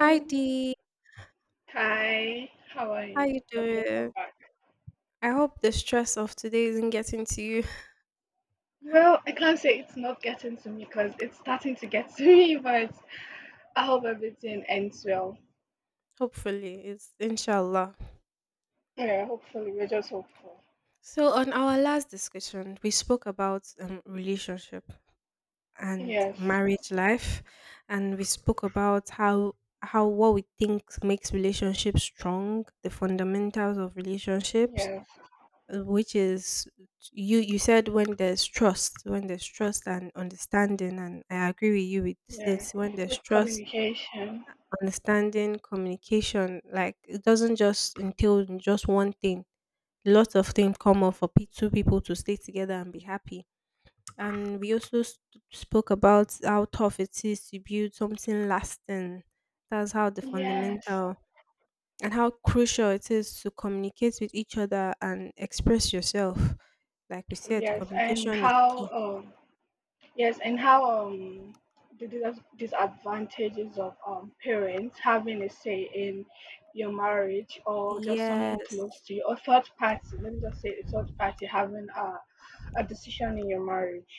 Hi Dee, Hi. How are how you? you And welcome doing? back. I hope the stress of today isn't getting to you. Well, I can't say it's not getting to me because it's starting to get to me, but I hope everything ends well. Hopefully, it's inshallah. Yeah, hopefully. We're just hopeful. So on our last discussion, we spoke about relationship and Yes. marriage life, and we spoke about how what we think makes relationships strong, the fundamentals of relationships, Yes. Which is you said when there's trust and understanding, and I agree with you with Yeah. this when there's With trust communication. understanding, communication. Like it doesn't just entail in just one thing. Lots of things come up for two people to stay together and be happy. And we also spoke about how tough it is to build something lasting. That's how the Yes. fundamental and how crucial it is to communicate with each other and express yourself. Like we said, Yes. And communication is how key. Yes, and how the disadvantages of parents having a say in your marriage, or just someone close Yes. to you, or third party. Let me just say a third party having a decision in your marriage.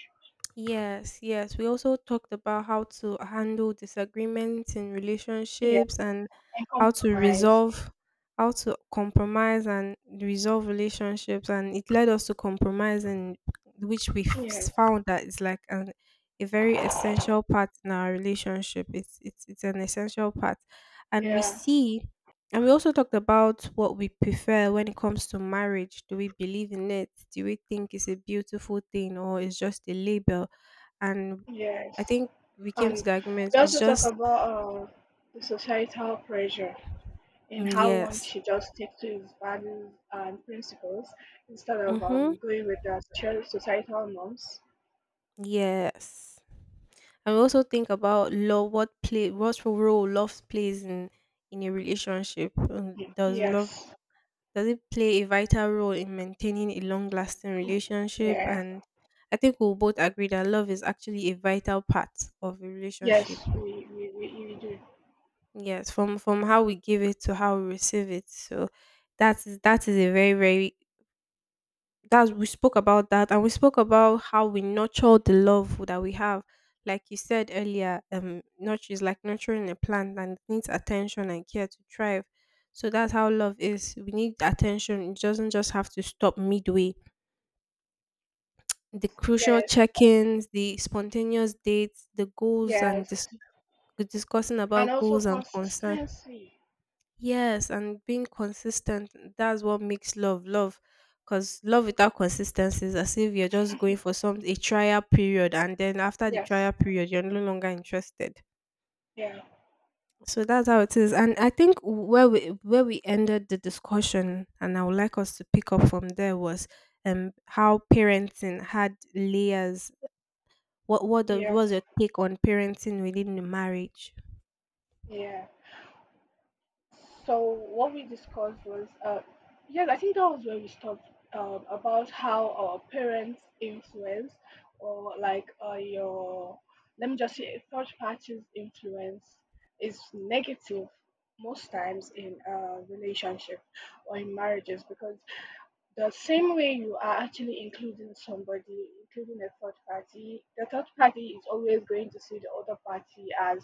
Yes, yes. We also talked about how to handle disagreements in Yeah, relationships and and how to compromise. resolve, how to compromise and resolve relationships. And it led us to compromise, and which we Yes, found that it's like a very essential part in our relationship. It's an essential part. And we yeah, see and we also talked about what we prefer when it comes to marriage. Do we believe in it? Do we think it's a beautiful thing or it's just a label? And yes. I think we came to And the agreement we it's also talk just about the societal pressure, and how one yes. should just stick to his values and principles instead of Mhm. Going with the societal norms. Yes. And we also think about love what role love plays in a relationship. Y- Yes. Does it play a vital role in maintaining a long lasting relationship? Yeah. And I think we'll both agree that love is actually a vital part of a relationship. Yes, we do. Yes, from how we give it to how we receive it. So that is a very very that we spoke about that, and we spoke about how we nurture the love that we have. Like you said earlier, nurture is like nurturing a plant, and it needs attention and care to thrive. So that's how love is. We need attention. It doesn't just have to stop midway: the crucial Yes. check-ins, the spontaneous dates, the goals and Yes. discussing And about also goals and concern. consistency. Yes, and being consistent. That's what makes love love. Because love without consistency is as if you're just going for some a trial period, and then after the Yes. trial period, you're no longer interested. Yeah. So that's how it is. And I think where we ended the discussion, and I would like us to pick up from there was how parenting had layers. What's Yes. your take on parenting within the marriage? Yeah. So what we discussed was, yes, I think that was where we stopped, about how our parents influence, or like let me just say, third party's influence is negative most times in a relationship or in marriages, because the same way you are actually including somebody, including a third party, the third party is always going to see the other party as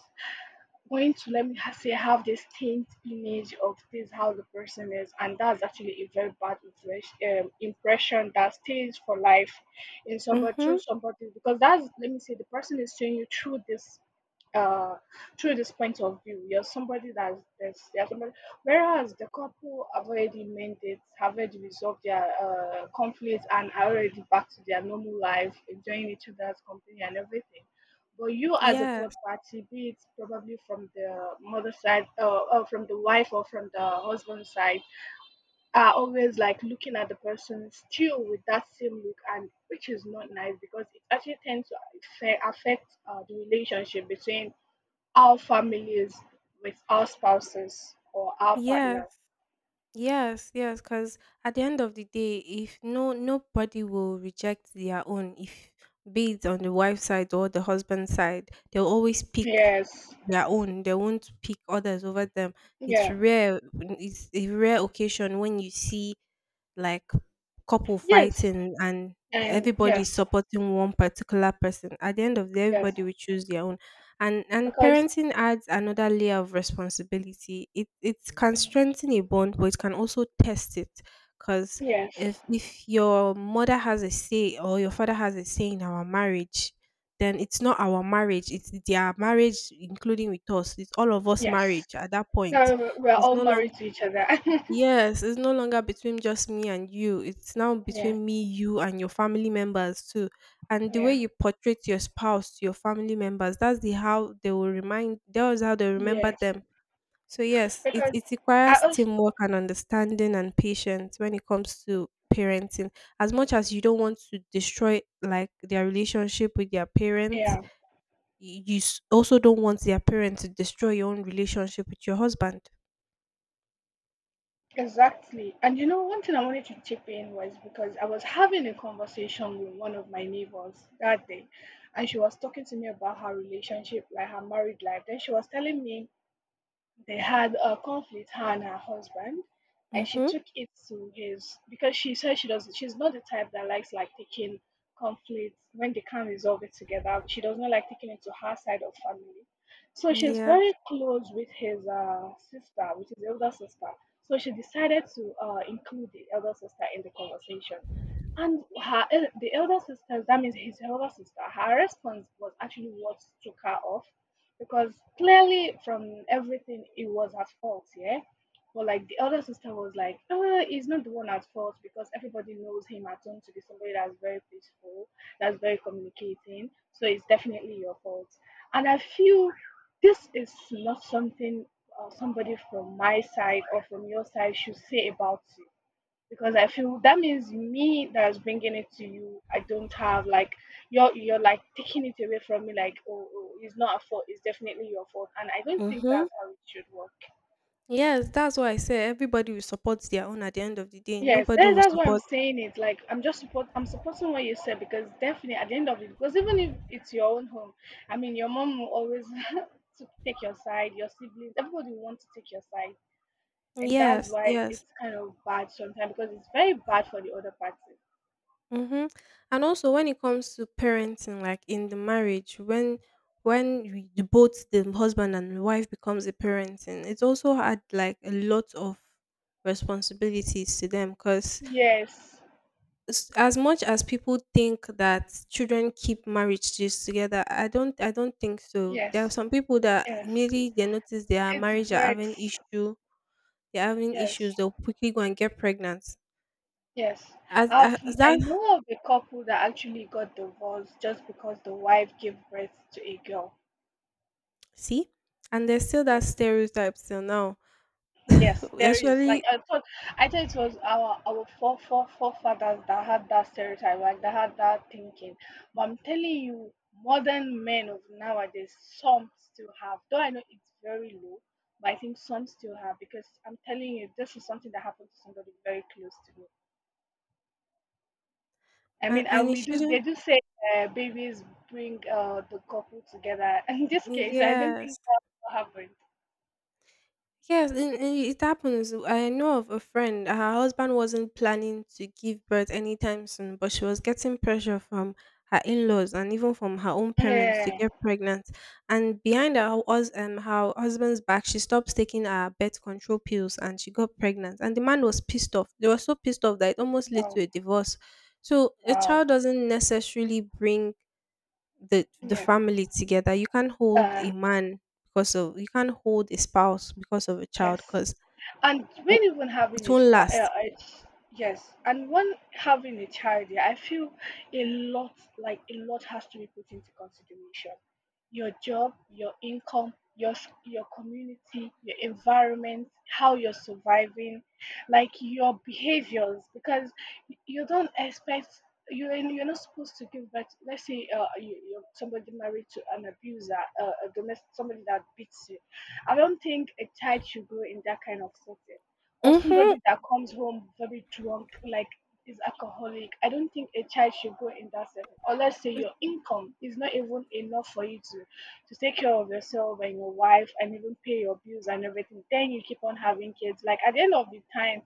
going to, let me say, have this taint image of this, how the person is. And that's actually a very bad impression that stays for life in somebody, through Mm-hmm. somebody, because that's, let me say, the person is seeing you uh through this point of view. You're somebody, whereas the couple have already mended, have already resolved their conflicts, and are already back to their normal life, enjoying each other's company and everything. But you, as a third Yes. party, be it probably from the mother side, or from the wife, or from the husband side, are always like looking at the person still with that same look, and which is not nice, because it actually tends to affect the relationship between our families with our spouses or our Yes. partners. Yes. Yes. Because at the end of the day, if no nobody will reject their own. If be it on the wife side or the husband side, they'll always pick Yes. their own. They won't pick others over them. It's Yeah. rare. It's a rare occasion when you see like couple Yes. fighting and And everybody yes. supporting one particular person. At the end of the day Yes. everybody will choose their own, and Because parenting adds another layer of responsibility. It can mm, strengthen a bond but it can also test it, because yes. if your mother has a say or your father has a say in our marriage, then it's not our marriage, it's their marriage including with us, it's all of us Yes. marriage at that point. No, we're It's all no longer married to each other. Yes, it's no longer between just me and you. It's now Yeah. between me, you, and your family members too. And the way Yeah. you portrait your spouse to your family members, that's the how they will remind. That was how they remember Yes. them. So yes, it Because it I requires also, teamwork and understanding and patience when it comes to parenting. As much as you don't want to destroy like their relationship with their parents, yeah, you also don't want their parents to destroy your own relationship with your husband. exactly. And you know, one thing I wanted to chip in was, because I was having a conversation with one of my neighbors that day, and she was talking to me about her relationship, like her married life. Then she was telling me they had a conflict, her and her husband, and she Mm-hmm. took it to his, because she said she's not the type that likes, like, taking conflicts when they can't resolve it together. She does not like taking it to her side of family. So she's Yeah. very close with his sister, with his elder sister. So she decided to include the elder sister in the conversation. And the elder sister, that means his elder sister, her response was actually what took her off, because clearly from everything it was at fault, yeah. But like the other sister was like, he's not the one at fault, because everybody knows him at home to be somebody that's very peaceful, that's very communicating. So it's definitely your fault. And I feel this is not something, somebody from my side or from your side should say about you, because I feel that means me, that's bringing it to you. I don't have like, you're like taking it away from me. Like, oh, oh, it's not a fault. It's definitely your fault. And I don't think Mm-hmm. that's how it should work. Yes, that's why I say everybody will support their own at the end of the day. Yes, Nobody that's, will that's why I'm support. saying it. Like, I'm just support. I'm supporting what you said, because definitely at the end of it, because even if it's your own home, I mean, your mom will always to take your side. Your siblings, everybody will want to take your side, and that's Yes, why yes. it's kind of bad sometimes, because it's very bad for the other party. Mm-hmm. And also when it comes to parenting, like in the marriage, when we, the both the husband and the wife becomes a parenting, it's also had like a lot of responsibilities to them, because Yes, as much as people think that children keep marriages together, I don't think so. yes. There are some people that Yes, immediately they notice their it marriage are having breaks. issue, they're having Yes, issues, they'll quickly go and get pregnant. yes. I've As I that know of a couple that actually got divorced just because the wife gave birth to a girl. See? And there's still that Yes, stereotype till now. yes, there is. Like, Actually, I thought it was our four four forefathers that had that stereotype, like that had that thinking. But I'm telling you, modern men of nowadays, some still have. Though I know it's very low, but I think some still have, because I'm telling you, this is something that happened to somebody very close to me, I and, mean, and and it we do. They shouldn't. do say babies bring the couple together. In this case, I don't think Yes. that happened. Yes, and it happens. I know of a friend. Her husband wasn't planning to give birth anytime soon, but she was getting pressure from her in-laws and even from her own parents to Yeah. get pregnant. And behind her, her husband's back, she stopped taking her birth control pills and she got pregnant. And the man was pissed off. They were so pissed off that it almost led Wow. to a divorce. So a Wow. child doesn't necessarily bring the Yeah. family together. You can't hold Uh. a man because of you can't hold a spouse because of a child, Yes. because and when even having it a won't spa, last. it's, yes, and when having a child, yeah, I feel a lot, like a lot has to be put into consideration. Your job, your income, your community, your environment, how you're surviving, like your behaviors. Because you don't expect you, and you're not supposed to give birth. Let's say you, you're somebody married to an abuser, a domestic, somebody that beats you. I don't think a child should grow in that kind of setting. Or Mhm. somebody that comes home very drunk, like, is alcoholic. I don't think a child should grow in that setting. Or let's say your income is not even enough for you to take care of yourself and your wife and even pay your bills and everything, then you keep on having kids. Like, at the end of the time,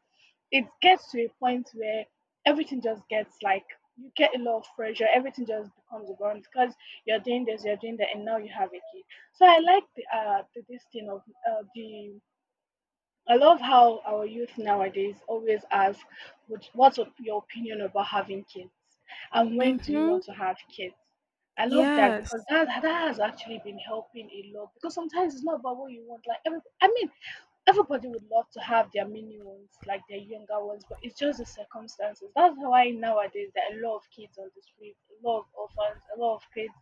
it gets to a point where everything just gets like, you get a lot of pressure, everything just becomes a burden, because you're doing this, you're doing that, and now you have a kid. So the this thing of the I love how our youth nowadays always ask, your opinion about having kids? And when do you Mhm. want to have kids?" I love that, Yes. because that has actually been helping a lot, because sometimes it's not about what you want. Like, I mean, everybody would love to have their mini ones, like their younger ones, but it's just the circumstances. That's why nowadays there are a lot of kids on the street, a lot of orphans, a lot of kids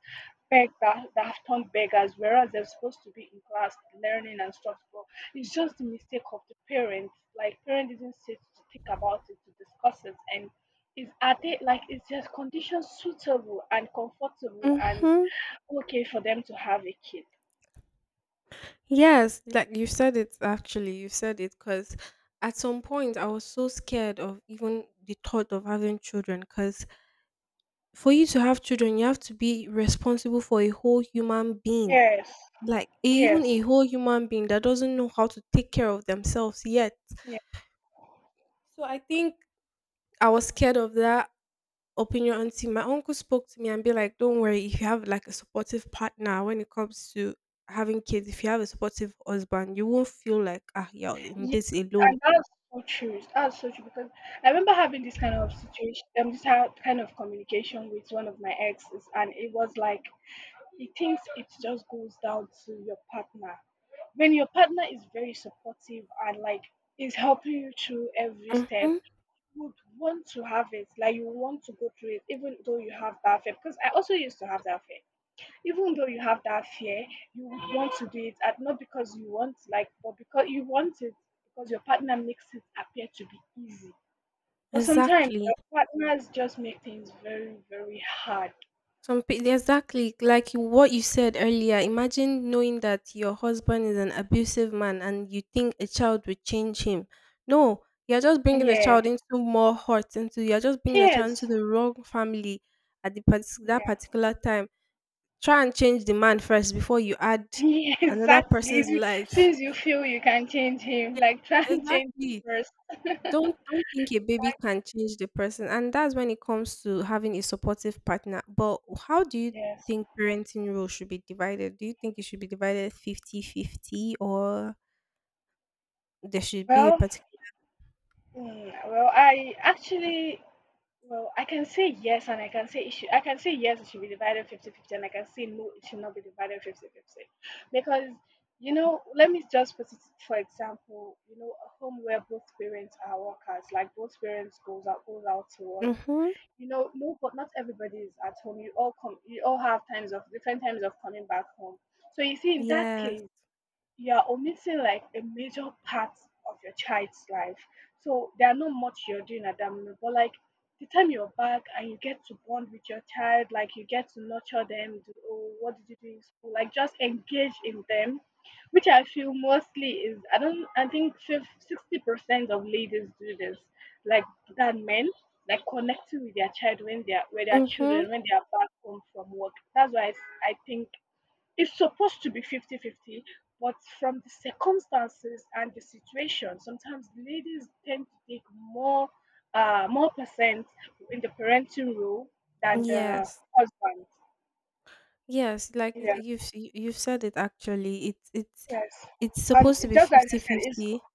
beg that, have turned beggars, whereas they're supposed to be in class learning and stuff. But it's just the mistake of the parents. Like, parents didn't sit to think about it, to discuss it, and is are they like is their condition suitable and comfortable and Mhm. okay for them to have a kid? Yes. Like you said it. Actually, you said it, because at some point I was so scared of even the thought of having children, because for you to have children, you have to be responsible for a whole human being. Yes, Like even a yes. whole human being that doesn't know how to take care of themselves yet. Yeah, So I think I was scared of that opinion until my uncle spoke to me and be like, "Don't worry, if you have like a supportive partner when it comes to having kids, if you have a supportive husband, you won't feel like you're in yeah, this alone." and that's so true. That's so true, because I remember having this kind of situation, this kind of communication with one of my exes, and it was like, he thinks it just goes down to your partner. When your partner is very supportive and like is helping you through every step, Hmm. you would want to have it. Like, you want to go through it, even though you have that fear. Because I also used to have that fear. Even though you have that fear, you would want to do it, and not because you want, like, but because you want it, because your partner makes it appear to be easy. But sometimes Exactly. your partners just make things very, very hard. Exactly, like what you said earlier. Imagine knowing that your husband is an abusive man and you think a child would change him. No, you're just bringing a Yeah. child into more hurt. Into You're just bringing a child Yes. into the wrong family at that particular time. Try and change the man first before you add Yeah, another exactly. If person's you, life. since you feel you can change him, Yeah, like, try and change exactly, first. don't think a baby can change the person, and that's when it comes to having a supportive partner. But how do you Yes. think parenting role should be divided? Do you think it should be divided fifty-fifty, or there should be a Well, particular... I actually, I can say yes, and I can say it should, I can say yes, it should be divided 50-50, and I can say no, it should not be divided 50-50. Because, let me just put it, for example, a home where both parents are workers, like both parents goes out to work. Mhm. No, but not everybody is at home. You all come, you all have times of different times of coming back home. So you see, in that Yes. case, you're omitting like a major part of your child's life. So there are not much you're doing at that moment, but like, the time you're back and you get to bond with your child, like you get to nurture them. Do, oh, what did you do in school? Like, just engage in them. Which I feel mostly is, I don't I think 60% of ladies do this, like, than men, like connecting with their child when they are with their Mhm. children when they are back home from work. That's why I think it's supposed to be 50-50, but from the circumstances and the situation, sometimes ladies tend to take more percent in the parenting role than the Yes. husband. Yes, like Yes, you've said it actually. It's it's yes. it's And supposed to be just as I fifty said, fifty. it's 50.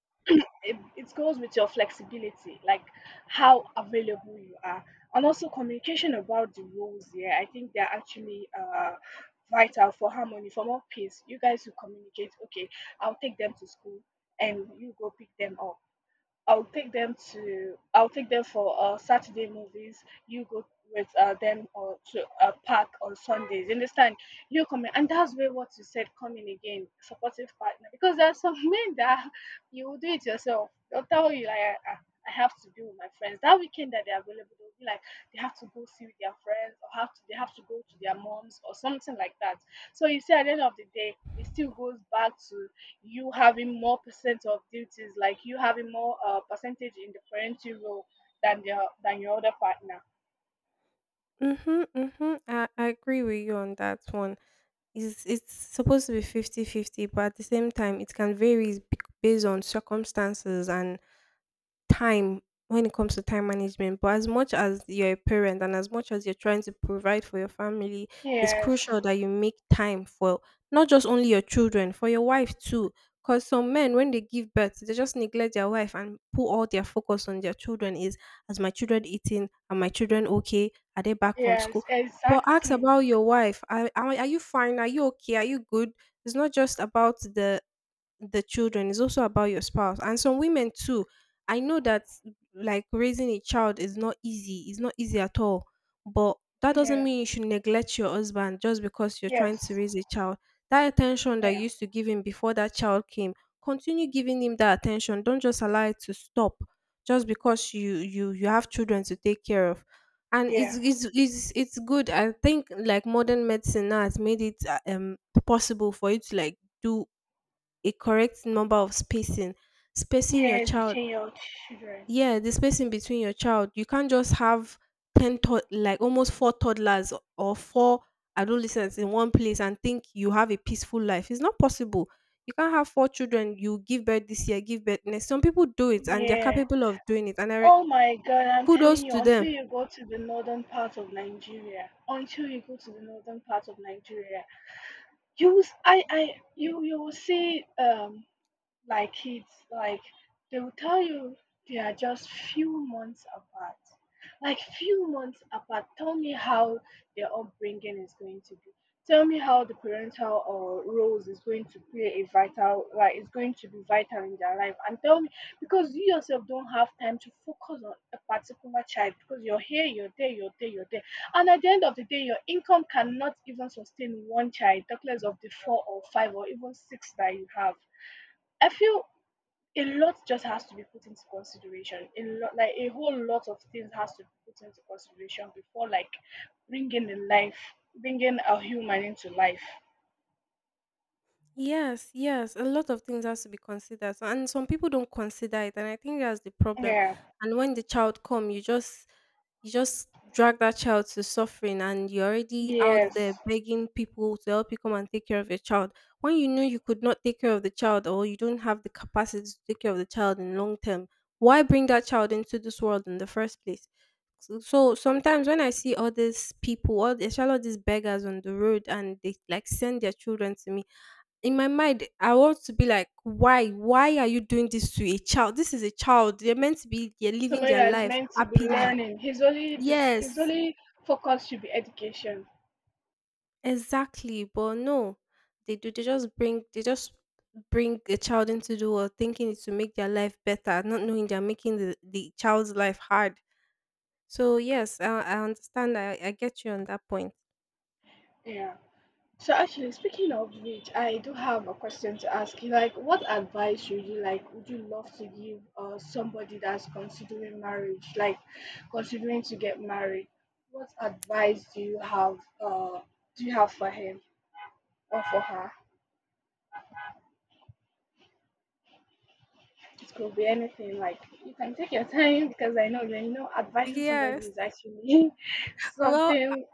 it, it goes with your flexibility, like how available you are, and also communication about the rules. Yeah, I think they're actually vital for harmony, for more peace. You guys who communicate, okay, I'll take them to school, and you go pick them up. I'll take them for Saturday movies. You go with them or to a park on Sundays. You understand? You come in, and that's where what you said coming again, supportive partner. Because there are some men that you will do it yourself. They'll tell you like, I have to be with my friends. That weekend that they're available, they'll be like they have to go see with their friends or have to they have to go to their moms or something like that. So you see, at the end of the day, it still goes back to you having more percent of duties, like you having more percentage in the parenting role than the than your other partner. Mm-hmm, mm-hmm. I agree with you on that one. It's supposed to be 50 50, but at the same time it can vary based on circumstances and time when it comes to time management. But as much as you're a parent and as much as you're trying to provide for your family, it's Yes, crucial that you make time for not just only your children, for your wife too. Because some men, when they give birth, they just neglect their wife and put all their focus on their children: is, as my children eating? Are my children okay? Are they back from yes, school? But ask exactly. about your wife. Are you fine? Are you okay? Are you good? It's not just about the children, it's also about your spouse. And some women too, I know that like raising a child is not easy, it's not easy at all. But that doesn't Yeah, mean you should neglect your husband just because you're trying to yes, raise a child. That attention that you yeah, used to give him before that child came, continue giving him that attention. Don't just allow it to stop just because you have children to take care of. And it's yeah, it's it's, it's good. I think like modern medicine now has made it possible for you to like do a correct number of spacing, spacing your yes, child. between your children. Yeah, the spacing between your child, you can't just have 10 like almost four toddlers or four adolescents in one place and think you have a peaceful life. It's not possible. You can't have four children, you give birth this year, give birth next. Some people do it and they're Yeah. capable of doing it, and Oh my God, I'm kudos telling you, to until them. you go to the northern part of Nigeria, until you go to the northern part of Nigeria, I you will see like kids like they will tell you they are just few months apart, like few months apart. Tell me how their upbringing is going to be. Tell me how the parental or roles is going to play a vital, like is going to be vital in their life, and tell me, because you yourself don't have time to focus on a particular child because you're here, you're there, you're there, you're there. And at the end of the day, your income cannot even sustain one child, talk less of the four or five or even six that you have. I feel a lot just has to be put into consideration. A lot, like a whole lot of things has to be put into consideration before like bringing in life, bringing a human into life. Yes, yes, a lot of things has to be considered, so and some people don't consider it, and I think that's the problem. Yeah. And when the child come, you just drag that child to suffering, and you're already out Yes. there begging people to help you come and take care of your child. When you know you could not take care of the child, or you don't have the capacity to take care of the child in long term, why bring that child into this world in the first place? So sometimes when I see all these people, all especially all these beggars on the road, and they like send their children to me. In my mind, I want to be like, "Why? Why are you doing this to a child? This is a child. They're meant to be they're living Somebody their that is life meant to be happily." learning. His only this his Yes, only focus should be education. exactly. But no, they do. They just bring a child into the world thinking it's to make their life better, not knowing they're making the child's life hard. So yes, I understand. I get you on that point. Yeah. So actually, speaking of which, I do have a question to ask you. Like, Would you love to give somebody that's considering marriage, like considering to get married? What advice do you have? Do you have for him or for her? It could be anything. Like, you can take your time because I know that advising somebody Yes. is actually Well, something.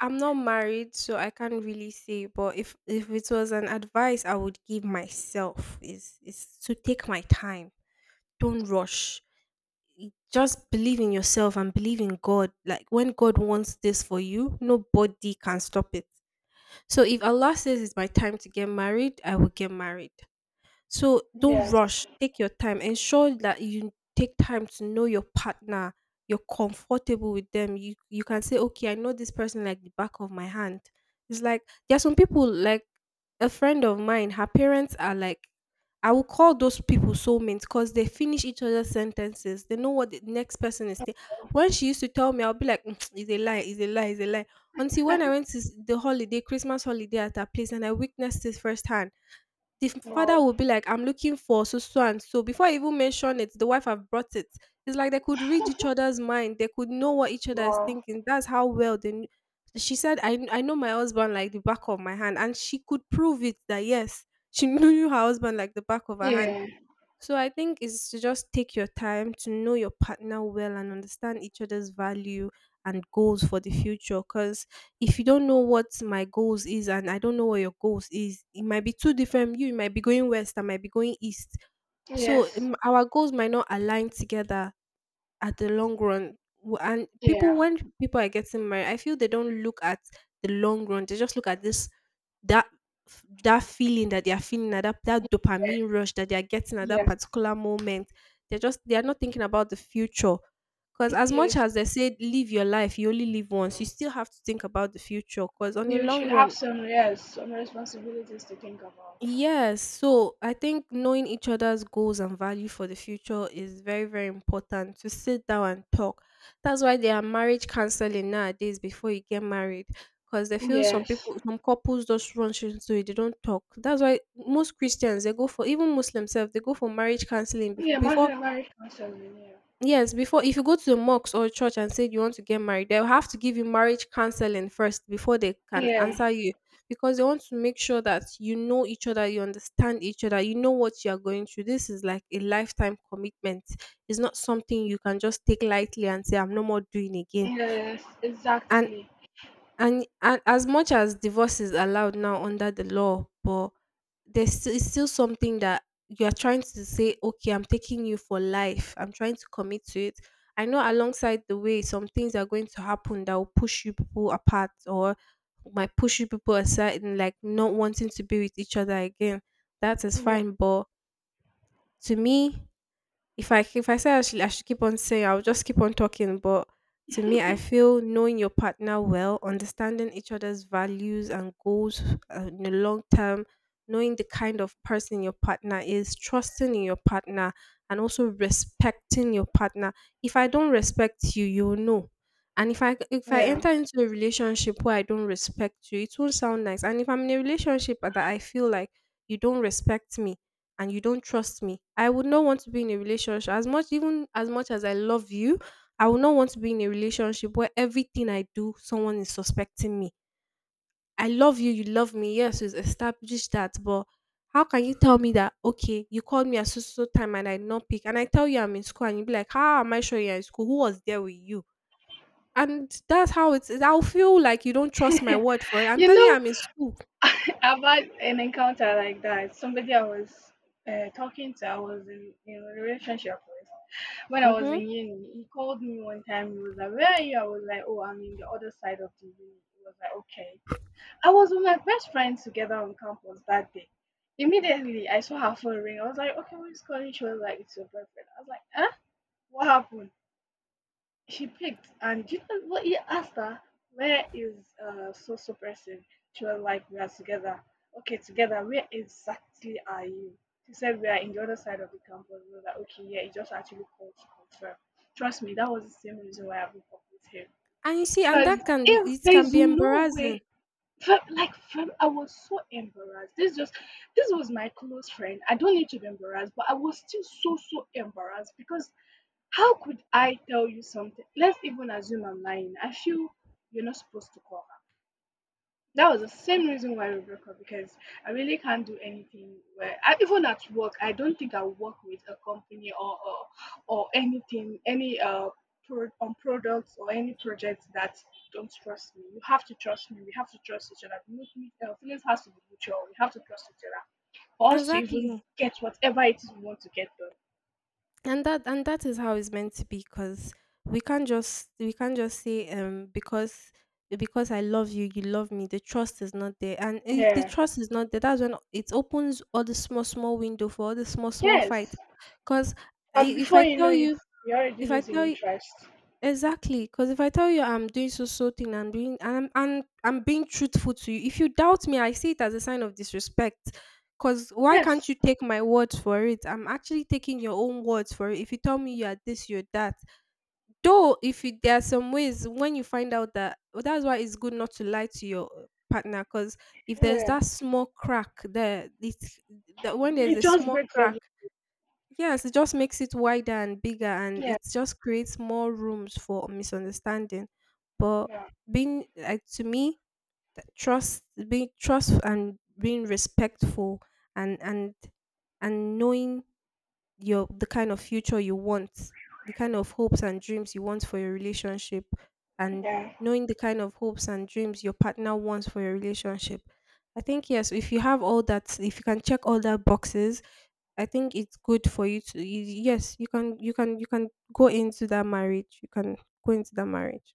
I'm not married, so I can't really say. But if it was an advice I would give myself is to take my time. Don't rush. Just believe in yourself and believe in God. Like when God wants this for you, nobody can stop it. So if Allah says it's my time to get married, I will get married. So don't Yes. rush, take your time. Ensure that you take time to know your partner, you're comfortable with them. You can say, okay, I know this person like the back of my hand. It's like there are some people like a friend of mine, her parents are like I will call those people soulmates because they finish each other's sentences. They know what the next person is. When she used to tell me, I'll be like, "Mm, it's a lie, it's a lie, it's a lie." Until when I went to the holiday, Christmas holiday at her place, and I witnessed this firsthand. The father Wow. will be like, I'm looking for so so and so. Before I even mention it, the wife have brought it. It's like they could read each other's mind. They could know what each other is Wow. thinking. That's how well they. She said, I know my husband like the back of my hand. And she could prove it that yes, she knew her husband like the back of her hand, Yeah. so I think it's to just take your time to know your partner well and understand each other's value and goals for the future. Because if you don't know what my goals is and I don't know what your goals is, it might be too different. You might be going west, I might be going east. So Yes. Our goals might not align together at the long run and people Yeah. when people are getting married, I feel they don't look at the long run. They just look at this that that feeling that they are feeling at that Yeah, dopamine rush that they are getting at that yes. particular moment. They are not thinking about the future, because as much Yes. as they say live your life, you only live once, you still have to think about the future, because on the You long should run. have some, yes, some responsibilities to think about. Yes, so I think knowing each other's goals and value for the future is very, very important to sit down and talk. That's why there are marriage counseling nowadays before you get married. Because they feel some Yes. people, some couples just rush into it, they don't talk. That's why most Christians they go for, even Muslims self, they go for marriage counseling Yeah, before. Martin very concerning, Yes, before, if you go to a mosque or church and say you want to get married, they'll have to give you marriage counseling first before they yeah. can answer Yeah. you, because they want to make sure that you know each other, you understand each other, you know what you are going through. This is like a lifetime commitment. It's not something you can just take lightly and say I'm no more doing again. Yes, And exactly. and as much as divorce is allowed now under the law, but there's still it's still something that you are trying to say, okay, I'm taking you for life. I'm trying to commit to it. I know alongside the way, some things are going to happen that will push you people apart or might push you people aside and like not wanting to be with each other again. That is Yeah. fine. But to me, if I say I should keep on saying, I'll just keep on talking. But to me, I feel knowing your partner well, understanding each other's values and goals in the long term, knowing the kind of person your partner is, trusting in your partner, and also respecting your partner. If I don't respect you, you'll know. And if I Yeah. enter into a relationship where I don't respect you, it won't sound nice. And if I'm in a relationship that I feel like you don't respect me, and you don't trust me, I would not want to be in a relationship as much even as much as I love you. I would not want to be in a relationship where everything I do, someone is suspecting me. I love you, you love me, yes, we've established that. But how can you tell me that, okay, you called me at so so so time and I did not pick, and I tell you I'm in school, and you be like, how am I sure you're in school, who was there with you? And that's how it is. I'll feel like you don't trust my word for it. I'm You telling you know, I'm in school. I've had an encounter like that. Somebody I was talking to, I was in a relationship with. When I was Mm-hmm. in uni, he called me one time. He was like, "Where are you?" I was like, "Oh, I'm in the other side of the uni." He was like, "Okay." I was with my best friend together on campus that day. Immediately, I saw her phone ring. I was like, "Okay, who's calling?" She was like, "It's your boyfriend." I was like, "Huh? What happened?" She picked, and do you know what he asked her? "Where is so so person?" She was like, "We are together." "Okay, together. Where exactly are you?" She said, "We are in the other side of the campus." We were like, okay, yeah, he just actually called to confirm. Trust me, that was the same reason why I broke up with him. And you see, and Because that can be, if it can there's be no embarrassing. way, like from I was so embarrassed. This was my close friend. I don't need to be embarrassed, but I was still so embarrassed, because how could I tell you something? Let's even assume I'm lying. I feel you're not supposed to call. That was the same reason why we broke up, because I really can't do anything where I, even at work, I don't think I work with a company or anything, any on products or any projects that don't trust me. You have to trust me. We have to trust each other. Feelings has to be mutual. We have to trust each other for us to even Exactly, get whatever it is we want to get done. and that is how it's meant to be, because we can't just say because I love you, you love me. The trust is not there, and if the Yeah. trust is not there, that's when it opens all the small small window for all the small small fight. Yes. Because And if I before you tell know it, you, you're already if I losing tell you, interest. exactly, because if I tell you I'm doing so so thing and doing and I'm being truthful to you, if you doubt me, I see it as a sign of disrespect. Because why can't Yes. you take my words for it? I'm actually taking your own words for it. If you tell me you're this, you're that. Though, if you, there are some ways when you find out that's why it's good not to lie to your partner. Because if there's Yeah. that small crack there, it's that when there's It a just small breaks crack. everything. Yes, it just makes it wider and bigger, and it Yeah. just creates more rooms for misunderstanding. But Yeah. being like, to me, trust, being trust and being respectful, and and knowing your the kind of future you want, the kind of hopes and dreams you want for your relationship, and Yeah. knowing the kind of hopes and dreams your partner wants for your relationship. I think yes, if you have all that, if you can check all that boxes, I think it's good for you to yes, you can go into that marriage. You can go into that marriage.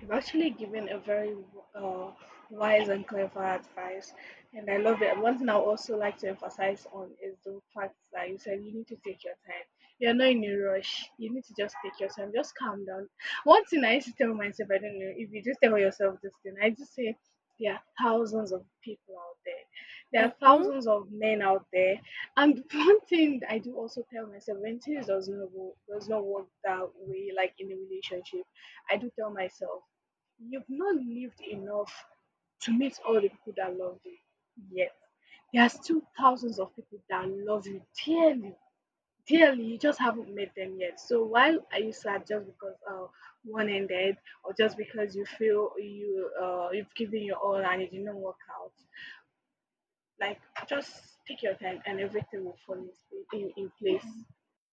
You've actually given a very uh, wise and clever advice, and I love it. One thing I also like to emphasize on is the fact that you said you need to take your time. You're not in a rush. You need to just take your time. Just calm down. One thing I used to tell myself, I don't know if you just tell yourself this thing. I just say there are thousands of people out there. There are Mm-hmm. thousands of men out there. And one thing I do also tell myself, when things does not work that way, like in a relationship, I do tell myself, you've not lived enough to meet all the people that love you yet. There are still thousands of people that love you dearly, dearly. You just haven't met them yet. So why are you sad just because one ended, or just because you feel you you've given your all and it didn't work out? Like just take your time and everything will fall in place.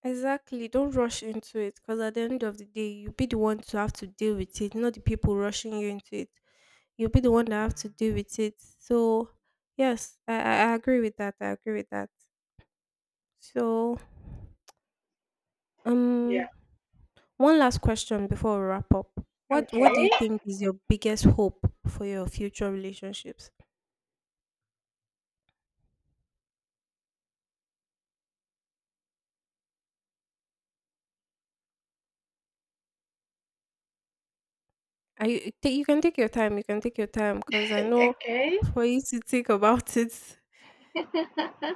Exactly. Don't rush into it, because at the end of the day, you'll be the one to have to deal with it, not the people rushing you into it. You'll be the one that have to deal with it. So yes, I agree with that. I agree with that. So Yeah. um one last question before we wrap up. What Okay. what do you think is your biggest hope for your future relationships? I you take you can take your time, cause I know for you to think about it. Okay.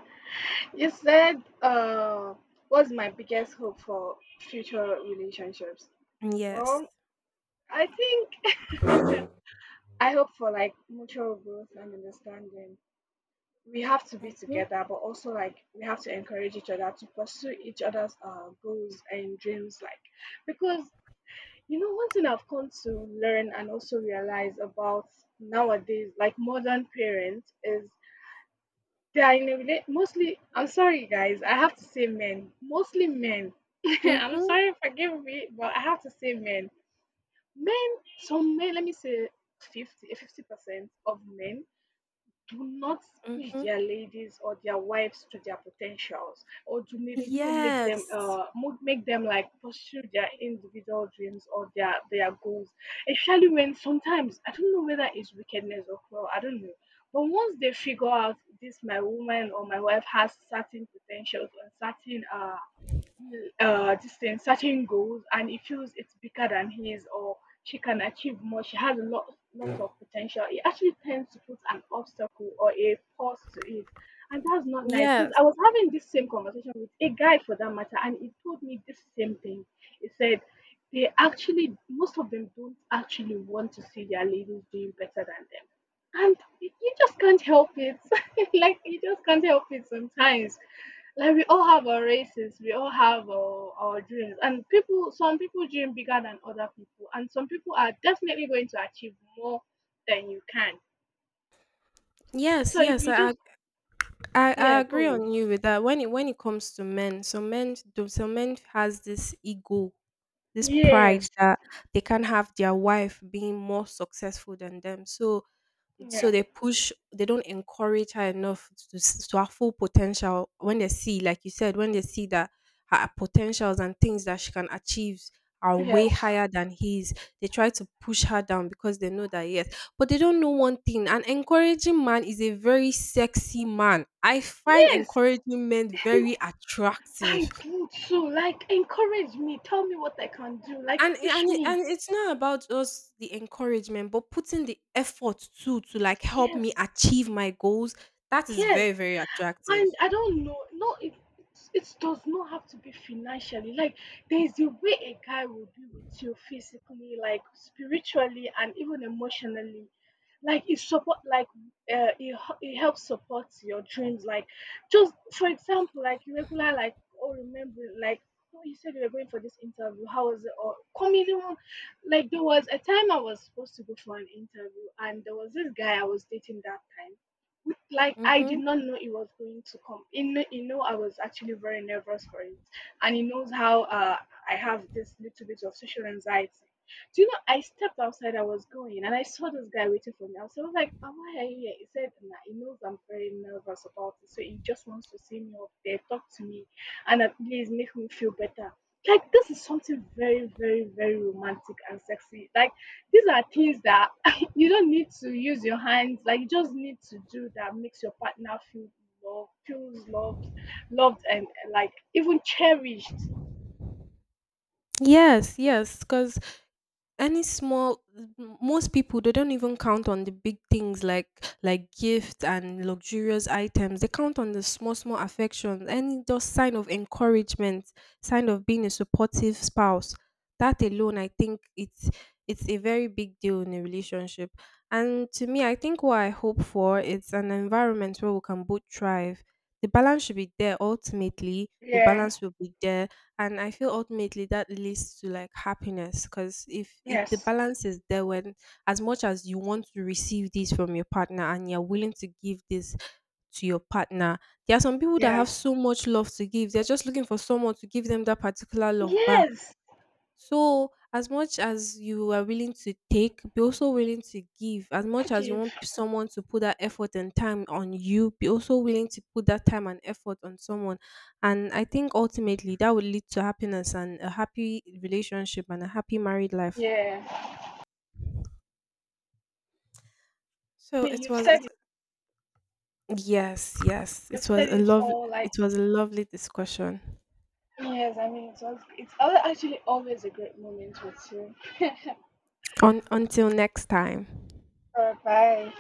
You said what's my biggest hope for future relationships? Yes. Well, I think I hope for like mutual growth and understanding. We have to be Mhm, together, but also like we have to encourage each other to pursue each other's goals and dreams. Like, because one thing I've come to learn and also realize about nowadays, like modern parents, is they are mostly. I'm sorry, guys. I have to say men. Mostly men. I'm mhm, sorry, forgive me, but I have to say men. Men. Some men. Let me say 50 50 percent of men do not push mhm. their ladies or their wives to their potentials, or do not make them Yes. Make them like pursue their individual dreams or their goals, especially when, sometimes I don't know whether it's wickedness or cruel, I don't know, but once they figure out this my woman or my wife has certain potentials and certain this thing certain goals, and he feels it's bigger than his, or she can achieve more, she has a lot lots of potential, he actually tends to put an obstacle or a pause to it. And that's not nice, because Yes. I was having this same conversation with a guy for that matter, and he told me this same thing. He said they actually most of them don't actually want to see their ladies doing better than them, and you just can't help it. Like you just can't help it sometimes. Like we all have our races, we all have our dreams, and people. Some people dream bigger than other people, and some people are definitely going to achieve more than you can. Yes, So if yes, you I ag just, yeah, I agree go on. on you with that. When it comes to men, some men has this ego, this pride Yes, that they can't have their wife being more successful than them. So yeah, they push, they don't encourage her enough to her full potential. When they see, like you said, when they see that her potentials and things that she can achieve are way yes, higher than his, they try to push her down because they know that, yes, but they don't know one thing. An encouraging man is a very sexy man. I find yes. encouraging men very attractive. I do too. Like encourage me, tell me what I can do. And Like it push and it me. and it's not about just the encouragement, but putting the effort too, to, like, help me Yes, achieve my goals, that is yes. very, very attractive. And I don't know, no, it does not have to be financially. Like, there is a way a guy will be with you physically, like spiritually, and even emotionally. Like, it helps support your dreams. Like, just for example, like oh remember, like, "Oh, you said you were going for this interview. How was it?" Or comedy one. Like, there was a time I was supposed to go for an interview, and there was this guy I was dating that time, like I did Mhm. not know it was going to come. I was actually very nervous for it, and he knows how I have this little bit of social anxiety. Do you know? I stepped outside. I was going, and I saw this guy waiting for me. I was sort of like, "Oh, why are you here?" He said, nah, he knows I'm very nervous about it, so he just wants to see me up there, talk to me, and at least make me feel better. Like this is something very, very, very romantic and sexy. Like these are things that you don't need to use your hands, like you just need to do, that makes your partner feel loved, feels loved, loved and like even cherished. Yes, yes. Because any small most people, they don't even count on the big things, like gifts and luxurious items. They count on the small small affections, any just sign of encouragement, sign of being a supportive spouse. That alone, I think, it's a very big deal in a relationship. And to me, I think what I hope for is an environment where we can both thrive. The balance should be there. Ultimately, the Yeah. balance will be there, and I feel ultimately that leads to like happiness, because if the Yes. balance is there, when as much as you want to receive this from your partner, and you're willing to give this to your partner, there are some people that Yeah. have so much love to give, they're just looking for someone to give them that particular love back. Yes. So, as much as you are willing to take, be also willing to give. As much as you Give. want someone to put that effort and time on you, be also willing to put that time and effort on someone. And I think ultimately that will lead to happiness and a happy relationship and a happy married life. Yeah. I So mean, you've said it. yes, yes. You've It was said a it love all. Like it was a lovely discussion. yes, I mean, it was. Actually always a great moment with you. On, until next time. Bye.